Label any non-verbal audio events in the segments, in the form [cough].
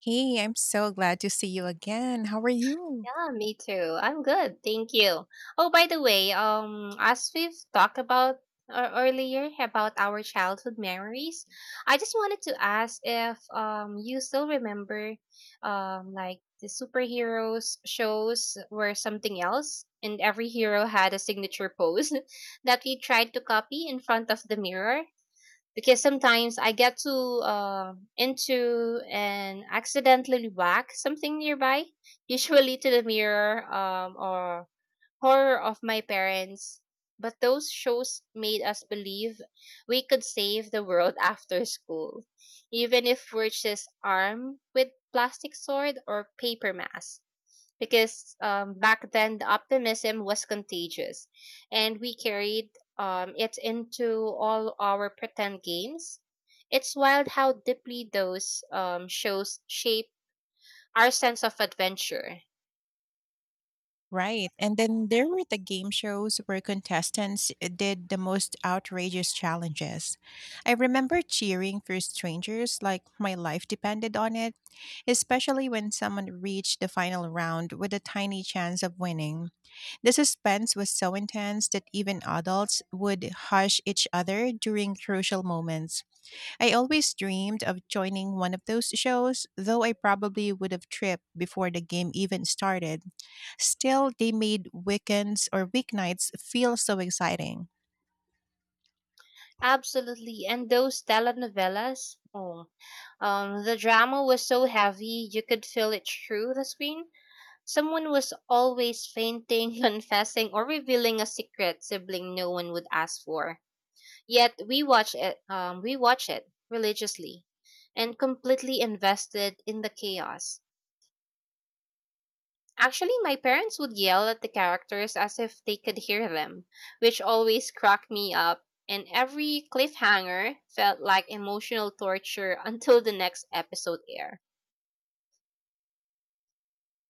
Hey, I'm so glad to see you again. How are you? Yeah, me too. I'm good, thank you. Oh, by the way, as we've talked about earlier about our childhood memories, I just wanted to ask if you still remember like the superheroes shows were something else, and every hero had a signature pose [laughs] that we tried to copy in front of the mirror because sometimes I get to into and accidentally whack something nearby, [laughs] usually to the mirror or horror of my parents. But those shows made us believe we could save the world [laughs] after school, even if we're just armed with plastic sword or paper mask because back then the optimism was contagious and we carried it into all our pretend games. It's wild how deeply those shows shape our sense of adventure. Right. And then there were the game shows where contestants did the most outrageous challenges. I remember cheering for strangers like my life depended on it, especially when someone reached the final round with a tiny chance of winning. The suspense was so intense that even adults would hush each other during crucial moments. I always dreamed of joining one of those shows, though I probably would have tripped before the game even started. Still, they made weekends or weeknights feel so exciting. Absolutely. And those telenovelas, oh, the drama was so heavy you could feel it through the screen. Someone was always fainting, [laughs] confessing, or revealing a secret sibling no one would ask for. Yet we watch it religiously and completely invested in the chaos. Actually, my parents would yell at the characters as if they could hear them, which always cracked me up, and every cliffhanger felt like emotional torture [laughs] until the next episode aired.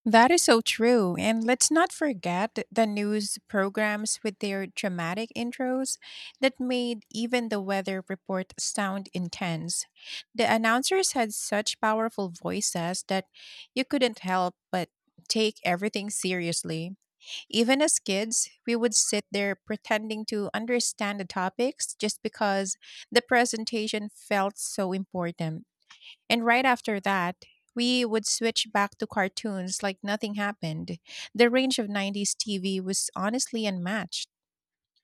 That is so true. And let's not forget the news programs with their dramatic intros that made even the weather report sound intense. The announcers had such powerful voices that you couldn't help but take everything seriously. Even as kids, we would sit there pretending to understand the topics just because the presentation felt so important. And right after that, we would switch back to cartoons like nothing happened. The range of 90s TV was honestly unmatched.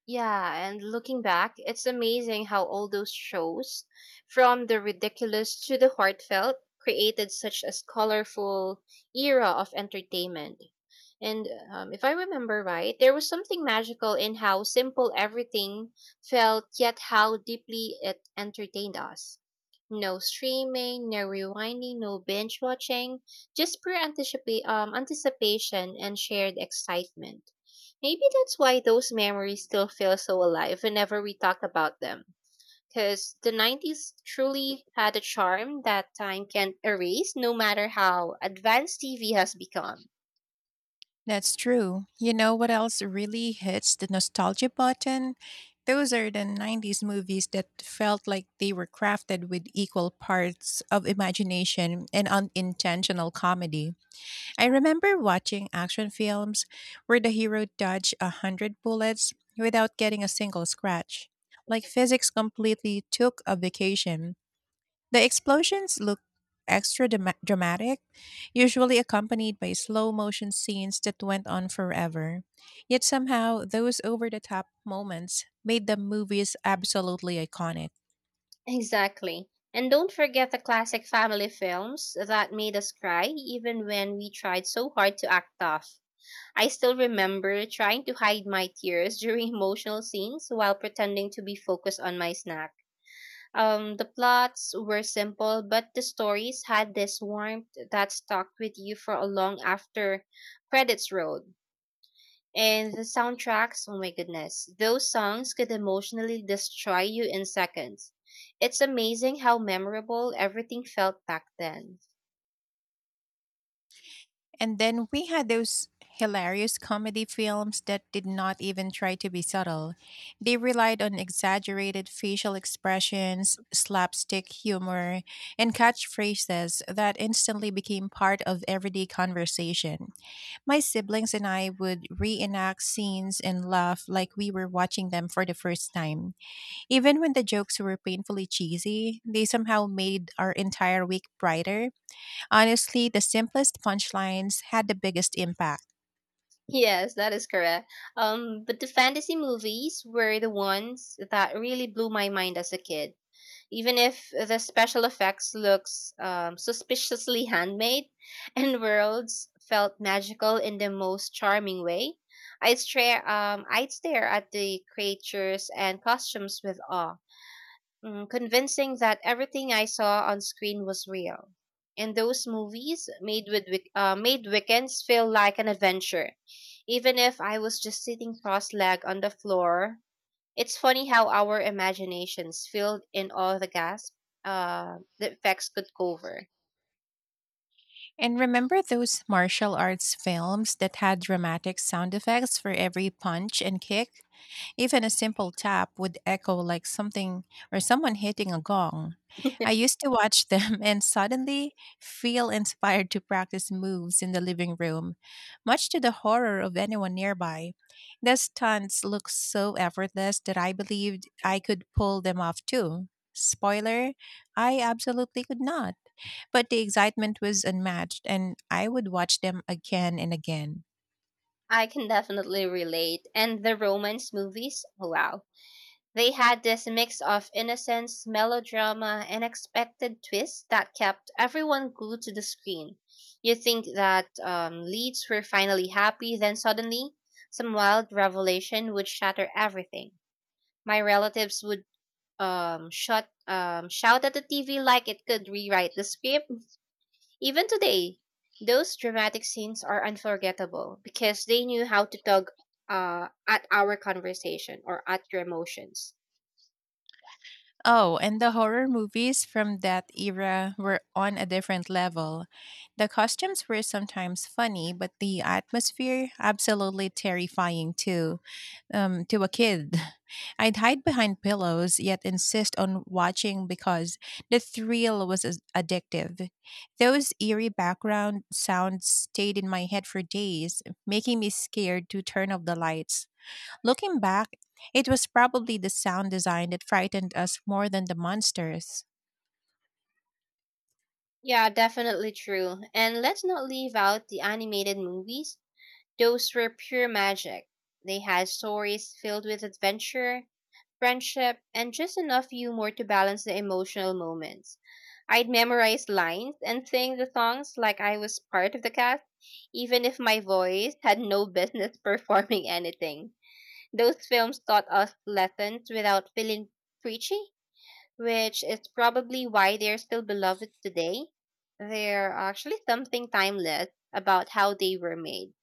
Yeah, and looking back, it's amazing how all those shows, from the ridiculous to the heartfelt, created such a colorful era of entertainment. And if I remember right, there was something magical in how simple everything felt, yet how deeply it entertained us. No streaming, no rewinding, no binge watching, just pure anticipation and shared excitement. Maybe that's why those memories still feel so alive whenever we talk about them. Because the 90s truly had a charm that time can't erase, no matter how advanced TV has become. That's true. You know what else really hits the nostalgia button? Those are the 90s movies that felt like they were crafted with equal parts of imagination and unintentional comedy. I remember watching action films where the hero dodged a hundred bullets without getting a single scratch. Like physics completely took a vacation. The explosions look extra dramatic, usually accompanied by slow motion scenes that went on forever. Yet somehow, those over the top moments made the movies absolutely iconic. Exactly. And don't forget the classic family films that made us cry even when we tried so hard to act tough. I still remember trying to hide my tears [laughs] during emotional scenes while pretending to be focused on my snack. The plots were simple, but the stories had this warmth that stuck with you for a long after credits rolled. And the soundtracks, oh my goodness, those songs could emotionally destroy you in seconds. It's amazing how memorable everything felt back then. And then we had those hilarious comedy films that did not even try to be subtle. They relied on exaggerated facial expressions, slapstick humor, and catchphrases that instantly became part of everyday conversation. My siblings and I would reenact scenes and laugh like we were watching them for the first time. Even when the jokes were painfully cheesy, they somehow made our entire week brighter. Honestly, the simplest punchlines had the biggest impact. Yes, that is correct. But the fantasy movies were the ones that really blew my mind as a kid. Even if the special effects looks suspiciously handmade [laughs] and worlds felt magical in the most charming way, I'd stare at the creatures and costumes with awe, convincing that everything I saw on screen was real. And those movies made weekends feel like an adventure, even if I was just sitting cross-legged on the floor. It's funny how our imaginations filled in all the gaps the effects could cover. And remember those martial arts films that had dramatic sound effects for every punch and kick? Even a simple tap would echo like something or someone hitting a gong. I [laughs] used to watch them [laughs] and suddenly feel inspired to practice moves in the living room, much to the horror of anyone nearby. The stunts looked so effortless that I believed I could pull them off too. Spoiler, I absolutely could not. But the excitement was unmatched, and I would watch them again and again. I can definitely relate. And the romance movies, wow. They had this mix of innocence, melodrama, and expected twists that kept everyone glued to the screen. You think that leads were finally happy, then suddenly, some wild revelation would shatter everything. My relatives would shot shout at the TV like it could rewrite the script. Even today, those dramatic scenes are unforgettable because they knew how to tug at our conversation or at your emotions. Oh, and the horror movies from that era were on a different level. The costumes were sometimes funny, but the atmosphere absolutely terrifying too, to a kid. [laughs] I'd hide behind pillows, yet insist on watching because the thrill was addictive. Those eerie background sounds stayed in my head for days, making me scared to turn off the lights. Looking back, it was probably the sound design that frightened us more than the monsters. Yeah, definitely true. And let's not leave out the animated movies. Those were pure magic. They had stories filled with adventure, friendship, and just enough humor to balance the emotional moments. I'd memorize lines and sing the songs like I was part of the cast, even if my voice had no business [laughs] performing anything. Those films taught us lessons without feeling preachy, which is probably why they're still beloved today. They're actually something timeless about how they were made.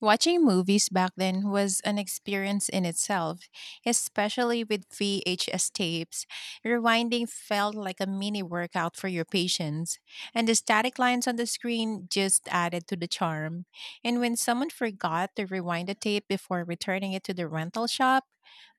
Watching movies back then was an experience in itself, especially with VHS tapes. Rewinding felt like a mini workout for your patience, and the static lines on the screen just added to the charm. And when someone forgot to rewind the tape before returning it to the rental shop,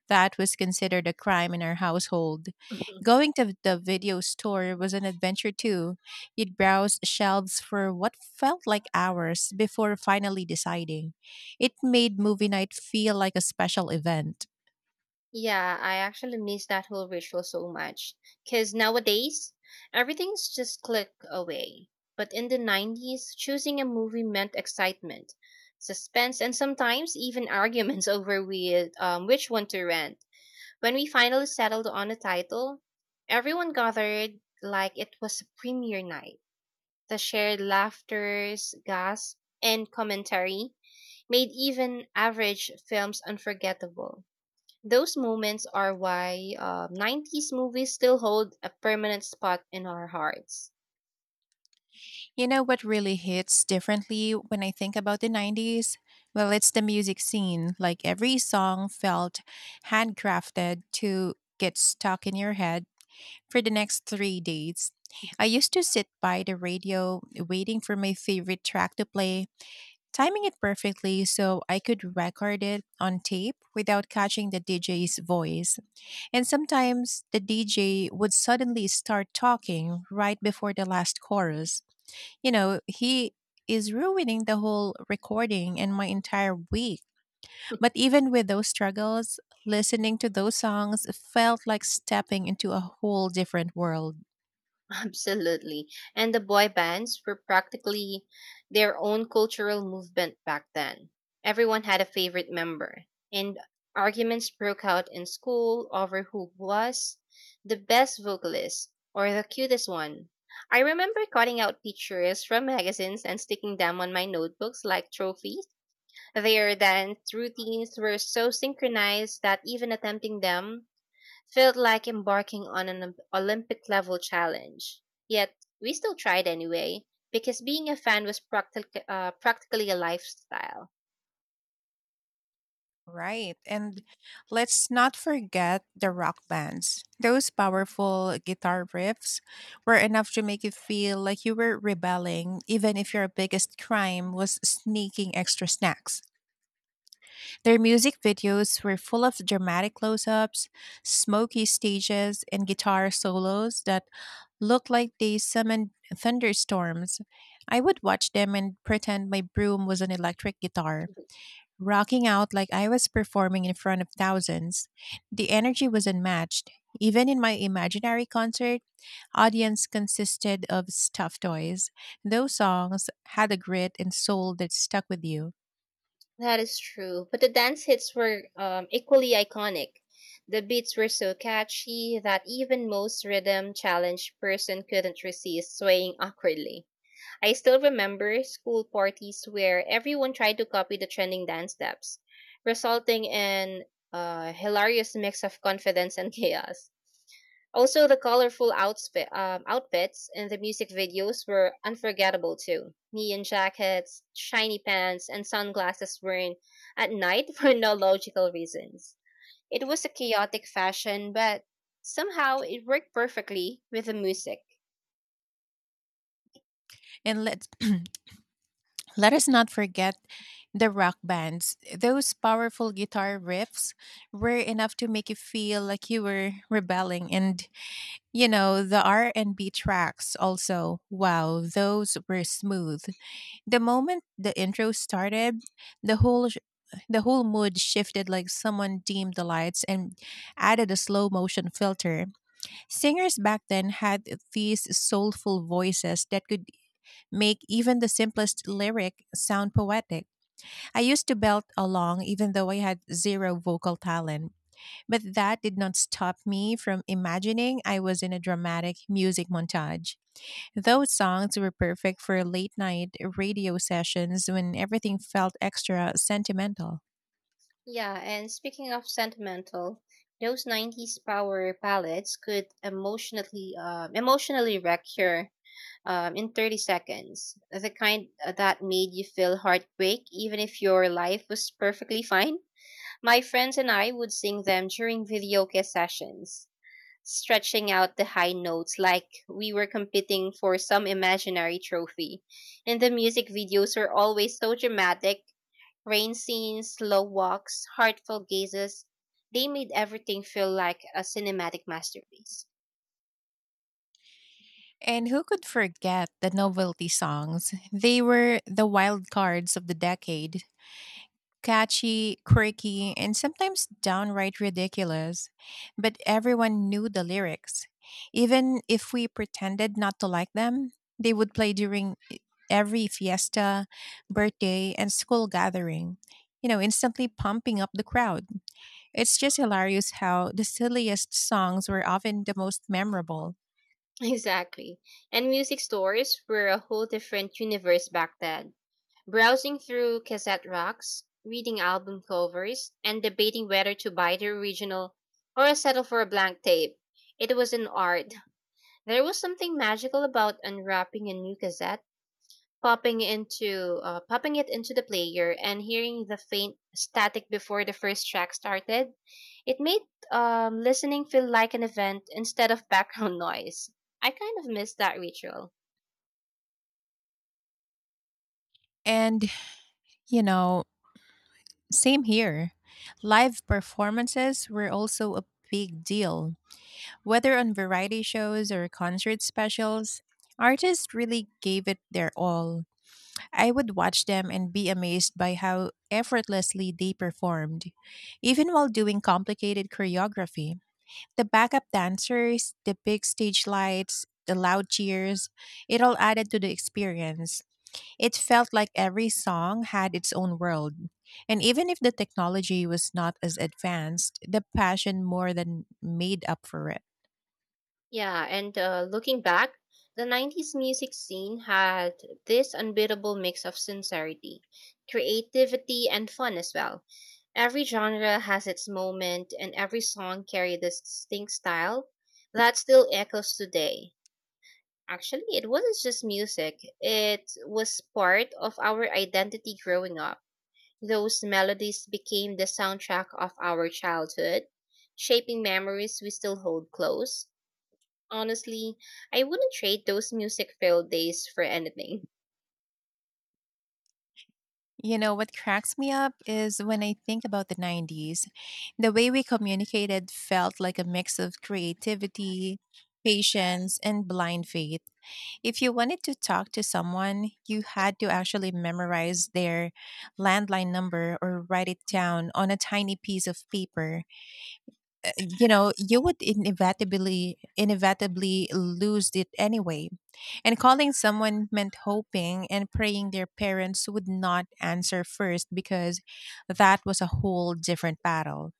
that was considered a crime in our household. Mhm. Going to the video store was an adventure too. You'd browse shelves for what felt like hours before finally deciding. It made movie night feel like a special event. Yeah, I actually miss that whole ritual so much. Because nowadays, everything's just click away. But in the 90s, choosing a movie meant excitement, suspense, and sometimes even arguments [laughs] over with, which one to rent. When we finally settled on a title, everyone gathered like it was a premiere night. The shared laughters, gasps, and commentary made even average films unforgettable. Those moments are why 90s movies still hold a permanent spot in our hearts. You know what really hits differently when I think about the 90s? Well, it's the music scene. Like every song felt handcrafted to get stuck in your head for the next 3 days. I used to sit by the radio waiting for my favorite track to play, timing it perfectly so I could record it on tape without catching the DJ's voice. And sometimes the DJ would suddenly start talking right before the last chorus, he is ruining the whole recording and my entire week. But [laughs] even with those struggles, listening to those songs felt like stepping into a whole different world. Absolutely. And the boy bands were practically their own cultural movement back then. Everyone had a favorite member, and arguments broke out in school over who was the best vocalist or the cutest one. I remember cutting out pictures from magazines and sticking them on my notebooks like trophies. Their dance routines were so synchronized that even attempting them felt like embarking on an Olympic level challenge. Yet, we still tried anyway, because being a fan was practically a lifestyle. Right. And let's not forget the rock bands. Those powerful guitar riffs were enough to make you feel like you were rebelling, even if your biggest crime was sneaking extra snacks. Their music videos were full of dramatic close ups, smoky stages, and guitar solos that looked like they summoned thunderstorms. I would watch them and pretend my broom was an electric guitar, rocking out like I was performing in front of thousands. The energy was unmatched. Even in my imaginary concert, audience consisted of stuffed toys. Those songs had a grit and soul that stuck with you. That is true, but the dance hits were equally iconic. The beats were so catchy that even most rhythm challenged person couldn't resist swaying awkwardly. I still remember school parties where everyone tried to copy the trending dance steps, resulting in a hilarious mix of confidence and [laughs] chaos. Also, the colorful outfits in the music videos were unforgettable too. Neon jackets, shiny pants, and sunglasses worn at night [laughs] for no logical reasons. It was a chaotic fashion, but somehow it worked perfectly with the music. And let Let us not forget the rock bands. Those powerful guitar riffs were enough to make you feel like you were rebelling and, the R&B tracks also. Wow, those were smooth. The moment the intro started, the whole sh- the whole mood shifted like someone dimmed the lights and added a slow motion filter. Singers back then had these soulful voices that could make even the simplest lyric sound poetic. I used to belt along even though I had zero vocal talent, but that did not stop me from imagining I was in a dramatic music montage. Those songs were perfect for late night radio sessions when everything felt extra sentimental. Yeah, and speaking of sentimental, those 90s power ballads could emotionally wreck your in 30 seconds. The kind that made you feel heartbreak, even if your life was perfectly fine. My friends and I would sing them during videoke sessions, stretching out the high notes like we were competing for some imaginary trophy. And the music videos were always so dramatic, rain scenes, slow walks, heartfelt gazes. They made everything feel like a cinematic masterpiece. And who could forget the novelty songs? They were the wild cards of the decade. Catchy, quirky, and sometimes downright ridiculous. But everyone knew the lyrics. Even if we pretended not to like them, they would play during every fiesta, birthday, and school gathering, instantly pumping up the crowd. It's just hilarious how the silliest songs were often the most memorable. Exactly. And music stores were a whole different universe back then. Browsing through cassette racks, reading album covers, and debating whether to buy the original or settle for a blank tape. It was an art. There was something magical about unwrapping a new cassette, popping it into the player and hearing the faint static before the first track started. It made listening feel like an event instead of background [laughs] noise. I kind of miss that ritual. And, you know, same here. Live performances were also a big deal. Whether on variety shows or concert specials, artists really gave it their all. I would watch them and be amazed by how effortlessly they performed. Even while doing complicated choreography, the backup dancers, the big stage lights, the loud cheers, it all added to the experience. It felt like every song had its own world. And even if the technology was not as advanced, the passion more than made up for it. Yeah, and looking back, the 90s music scene had this unbeatable mix of sincerity, creativity, and fun as well. Every genre has its moment and every song carried a distinct style that still echoes today. Actually, it wasn't just music. It was part of our identity growing up. Those melodies became the soundtrack of our childhood, shaping memories we still hold close. Honestly, I wouldn't trade those music filled days for anything. You know, what cracks me up is when I think about the 90s. The way we communicated felt like a mix of creativity, patience, and blind faith. If you wanted to talk to someone, you had to actually memorize their landline number or write it down on a tiny piece of paper. Uh, you would inevitably lose it anyway. And calling someone meant hoping and praying their parents would not answer first because that was a whole different battle.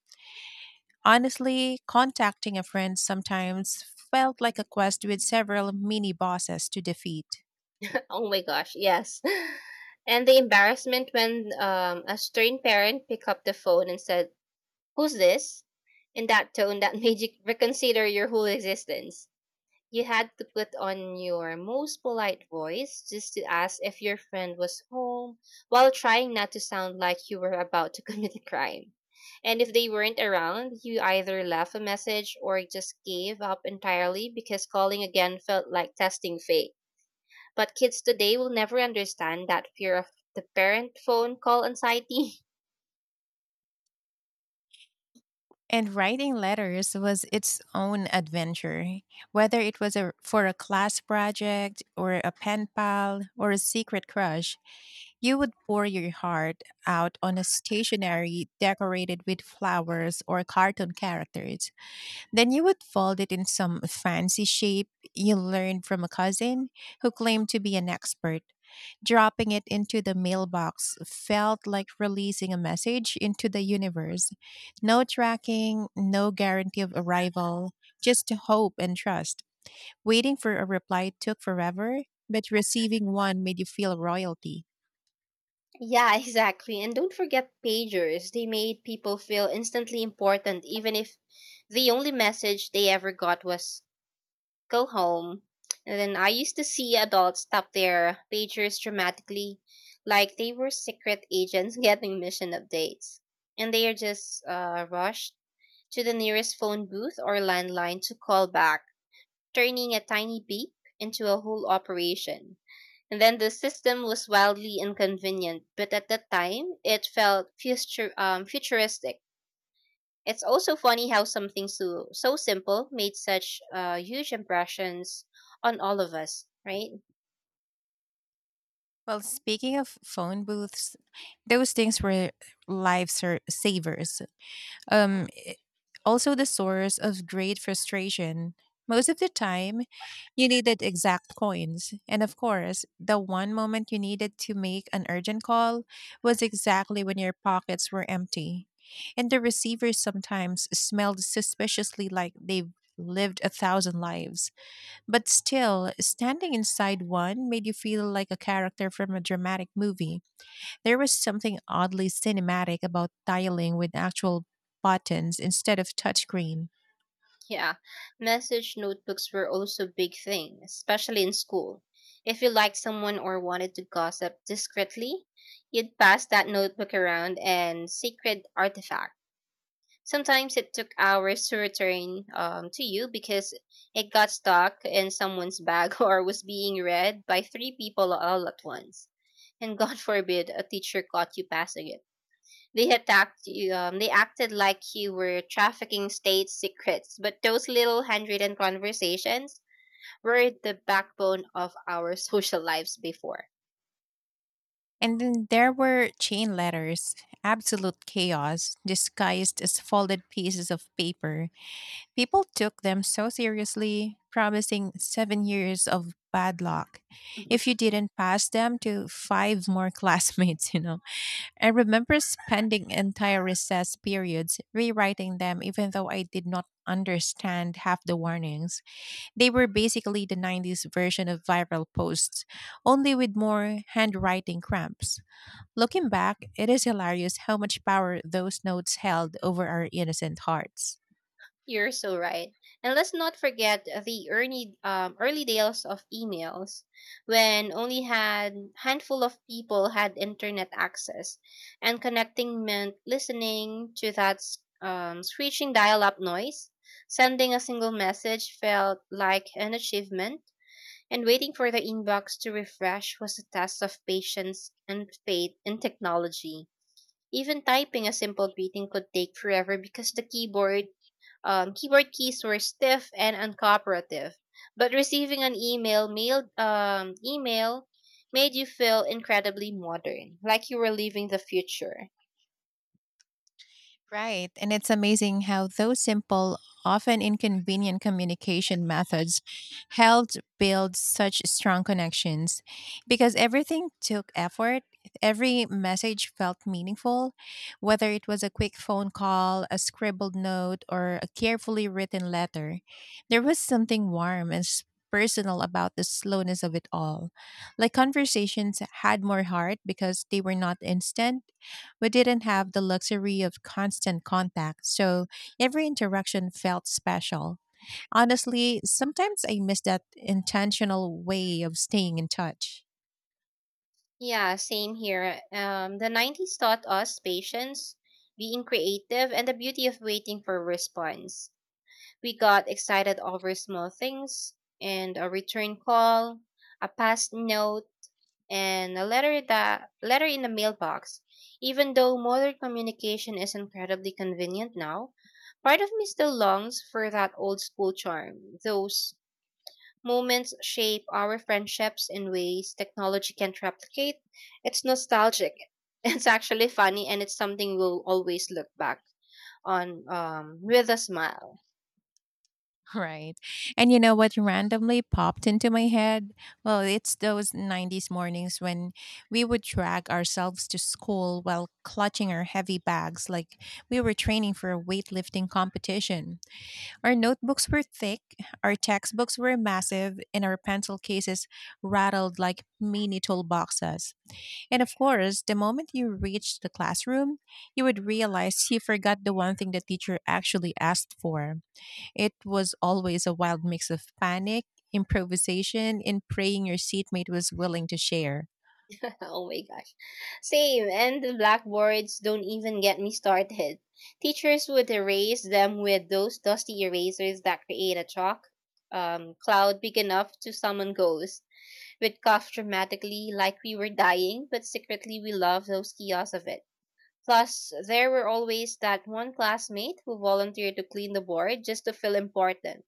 Honestly, contacting a friend sometimes felt like a quest with several mini bosses to defeat. [laughs] Oh my gosh, yes. [laughs] And the embarrassment when a stern parent picked up the phone and said, "Who's this?" In that tone that [laughs] made you reconsider your whole existence. You had to put on your most polite voice just to ask if your friend was home while trying not to sound like you were about to [laughs] commit a crime. And if they weren't around, you either left a message or just gave up entirely because calling again felt like testing fate. But kids today will never understand that fear of the parent phone call anxiety. [laughs] And writing letters was its own adventure, whether it was for a class project or a pen pal or a secret crush. You would pour your heart out on a stationery decorated with flowers or cartoon characters. Then you would fold it in some fancy shape you learned from a cousin who claimed to be an expert. Dropping it into the mailbox felt like releasing a message into the universe. No tracking, no guarantee of arrival, just hope and trust. Waiting for a reply took forever, but receiving one made you feel royalty. Yeah, [laughs] exactly. And don't forget pagers. They made people feel instantly important, even if the only message they ever got was go home. And then I used to see adults tap their pagers dramatically, like they were secret agents [laughs] getting mission updates. And they are just rushed to the nearest phone booth or landline to call back, turning a tiny beep into a whole operation. And then the system was wildly inconvenient, but at the time it felt future futuristic. It's also funny how something so simple made such huge impressions on all of us, right? Well, speaking of phone booths, those things were savers. Um, Also the source of great frustration. Most of the time, you needed exact coins. And of course, the one moment you needed to make an urgent call was exactly when your pockets were empty. And the receivers sometimes smelled suspiciously like they've lived a thousand lives. But still, standing inside one made you feel like a character from a dramatic movie. There was something oddly cinematic about dialing with actual buttons instead of touchscreen. Yeah, message notebooks were also big thing, especially in school. If you liked someone or wanted to gossip discreetly, you'd pass that notebook around and secret artifact. Sometimes it took hours to return to you because it got stuck in someone's bag [laughs] or was being read by three people all at once. And God [laughs] forbid a teacher caught you passing it. They attacked you. They acted like you were trafficking state secrets. But those little handwritten conversations were the backbone of our [laughs] social lives before. And then there were chain letters, absolute chaos, disguised as folded pieces of paper. People took them so seriously, promising 7 years of bad luck if [laughs] you didn't pass them to five more [laughs] classmates, I remember spending entire recess periods rewriting them, even though I did not understand half the warnings. They were basically the 90s version of viral posts, only with more handwriting cramps. Looking back, it is hilarious how much power those notes held over our innocent hearts. You're so right. And let's not forget the early days of emails when only had handful of people had internet access and connecting meant listening to that screeching dial-up noise. Sending a single message felt like an achievement and waiting for the inbox to refresh was a test of patience and faith in technology. Even typing a simple greeting could take forever because the keyboard keys were stiff and uncooperative. But receiving an email made you feel incredibly modern, like you were leaving the future. Right. And it's amazing how those simple, often inconvenient communication methods helped build such strong connections because everything took effort. Every message felt meaningful, whether it was a quick phone call, a scribbled note, or a carefully written letter. There was something warm and personal about the slowness of it all. Like conversations had more heart because they were not instant. We didn't have the luxury of constant contact, so every interaction felt special. Honestly, sometimes I miss that intentional way of staying in touch. Yeah, same here. The 90s taught us patience, being creative, and the beauty of waiting for a response. We got excited over small things and a return call, a past note, and a letter in the mailbox. Even though modern communication is incredibly convenient now, part of me still longs for that old school charm. Those moments shape our friendships in ways technology can't replicate. It's nostalgic. [laughs] It's actually funny and it's something we'll always look back on with a smile. Right. And you know what randomly popped into my head? Well, it's those 90s mornings when we would drag ourselves to school while clutching our heavy bags like we were training for a weightlifting competition. Our notebooks were thick, our textbooks were massive, and our pencil cases rattled like mini toolboxes. And of course, the moment you reached the classroom, you would realize you forgot the one thing the teacher actually asked for. It was always a wild mix of panic, improvisation, and praying your seatmate was willing to share. [laughs] Oh my gosh. Same, and the blackboards don't even get me started. Teachers would erase them with those dusty erasers that create a chalk cloud big enough to summon ghosts. We'd cough dramatically like we were dying, but secretly we loved those kiosks of it. Plus, there were always that one classmate who volunteered to clean the board just to feel important.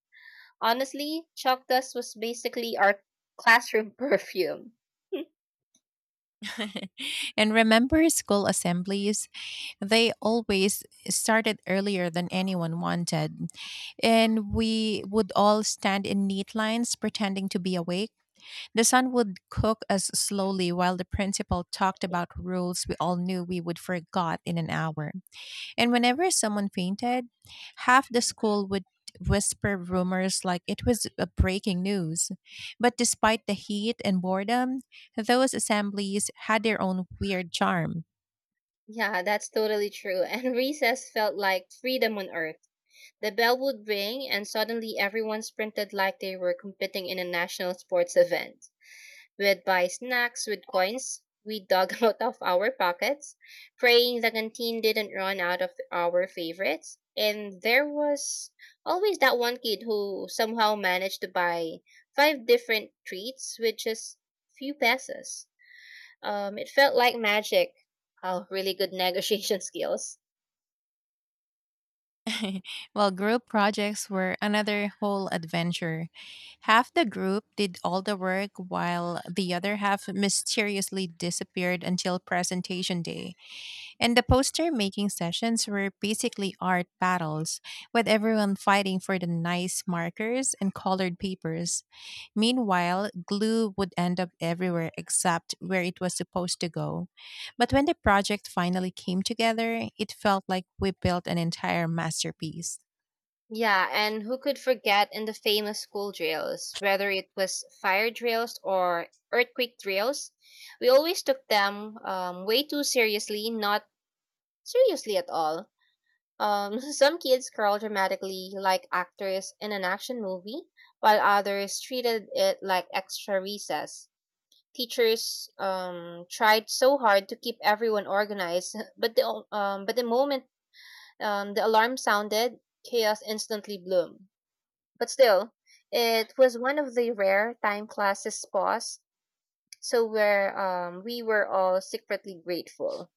Honestly, chalk dust was basically our classroom [laughs] perfume. And remember school assemblies? They always started earlier than anyone wanted, and we would all stand in neat lines pretending to be awake. The sun would cook us slowly while the principal talked about rules we all knew we would forgot in an hour. And whenever someone fainted, half the school would whisper rumors like it was a breaking news. But despite the heat and boredom, those assemblies had their own weird charm. Yeah, that's totally true. And recess felt like freedom on earth. The bell would ring, and suddenly everyone sprinted like they were competing in a national sports event. We'd buy snacks with coins we dug [laughs] out of our pockets, praying the canteen didn't run out of our favorites. And there was always that one kid who somehow managed to buy five different treats with just few pesos. It felt like magic. Oh, really good negotiation [laughs] skills. [laughs] Well, group projects were another whole adventure. Half the group did all the work while the other half mysteriously disappeared until presentation day. And the poster making sessions were basically art battles, with everyone fighting for the nice markers and colored papers. Meanwhile, glue would end up everywhere except where it was supposed to go. But when the project finally came together, it felt like we built an entire masterpiece. Yeah, and who could forget in the famous school drills, whether it was fire drills or earthquake drills? We always took them way too seriously, not seriously at all. [laughs] Some kids curled dramatically like actors in an action movie, while others treated it like extra recess. Teachers tried so hard to keep everyone organized, [laughs] but the moment the alarm sounded, chaos instantly bloomed. But still, it was one of the rare time classes paused, so where we were all secretly grateful.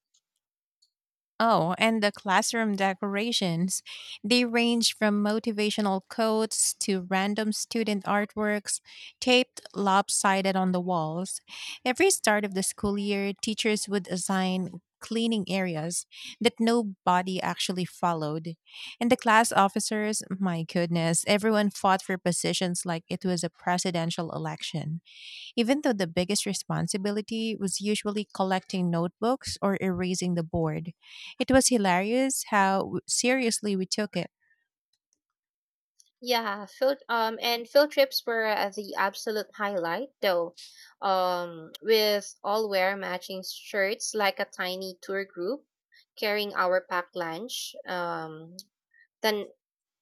Oh, and the classroom decorations. They range from motivational quotes to random student artworks taped lopsided on the walls. Every start of the school year, teachers would assign cleaning areas that nobody actually followed. And the class officers, my goodness, everyone fought for positions like it was a presidential election even though the biggest responsibility was usually collecting notebooks or erasing the board. It was hilarious how seriously we took it. Yeah, field trips were the absolute highlight though. With all wear matching shirts like a tiny tour group carrying our packed lunch, then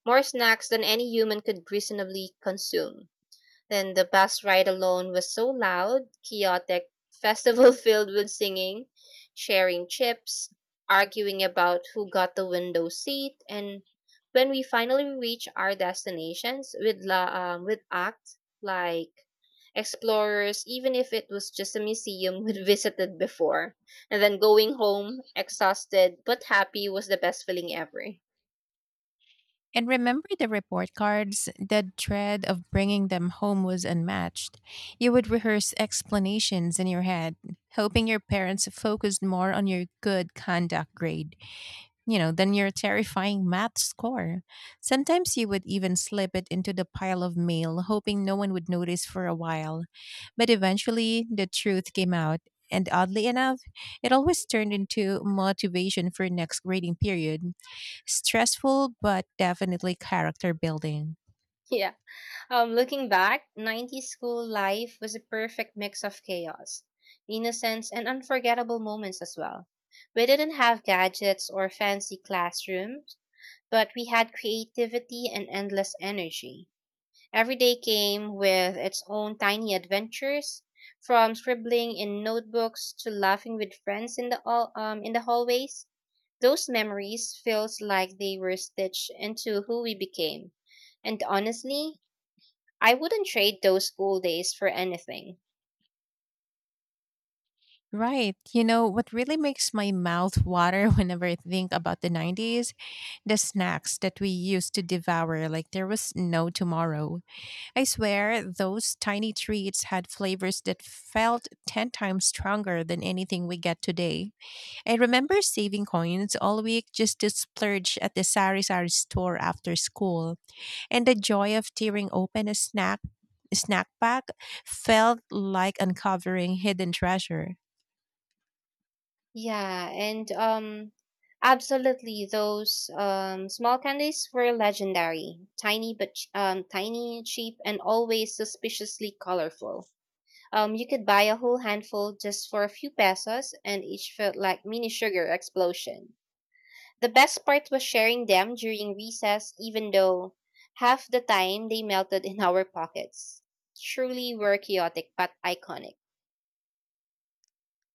more snacks than any human could reasonably consume. Then the bus ride alone was so loud, chaotic, festival [laughs] filled with singing, sharing chips, arguing about who got the window seat, and when we finally reached our destinations with act like explorers, even if it was just a museum [laughs] we'd visited before, and then going home exhausted but happy was the best feeling ever. [laughs] And remember the report cards? The dread of bringing them home was unmatched. You would rehearse explanations in your head, hoping your parents focused more on your good conduct grade, you know, than your terrifying math score. Sometimes you would even slip it into the pile of mail, hoping no one would notice for a while. But eventually, the truth came out. And oddly enough, it always turned into motivation for next grading period. Stressful, but definitely character building. Yeah. Looking back, 90s school life was a perfect mix of chaos, innocence, and unforgettable moments as well. We didn't have gadgets or fancy classrooms, but we had creativity and endless energy. Every day came with its own tiny adventures, from scribbling in notebooks to laughing with friends in the hallways. Those memories feels like they were stitched into who we became. And honestly, I wouldn't trade those school days for anything. Right. You know, what really makes my mouth water [laughs] whenever I think about the 90s? The snacks that we used to devour like there was no tomorrow. I swear, those tiny treats had flavors that felt 10 times stronger than anything we get today. I remember saving coins all week just to splurge at the Sari Sari store after school, and the joy of tearing open a snack pack felt like uncovering hidden treasure. Yeah, and absolutely those small candies were legendary. Tiny but tiny, cheap and always suspiciously colorful. You could buy a whole handful just for a few pesos and each felt like mini sugar explosion. The best part was sharing them during recess even though half the time they melted in our pockets. Truly were chaotic but iconic.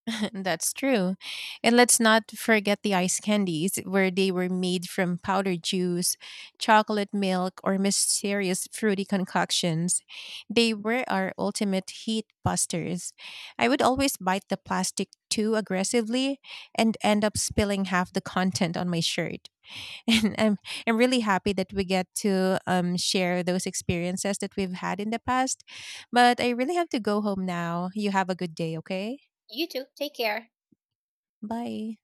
[laughs] That's true. And let's not forget the ice candies, where they were made from powdered juice, chocolate milk, or mysterious fruity concoctions. They were our ultimate heat busters. I would always bite the plastic too aggressively and end up spilling half the content on my shirt. [laughs] And I'm really happy that we get to share those experiences that we've had in the past. But I really have to go home now. You have a good day, okay? You too. Take care. Bye.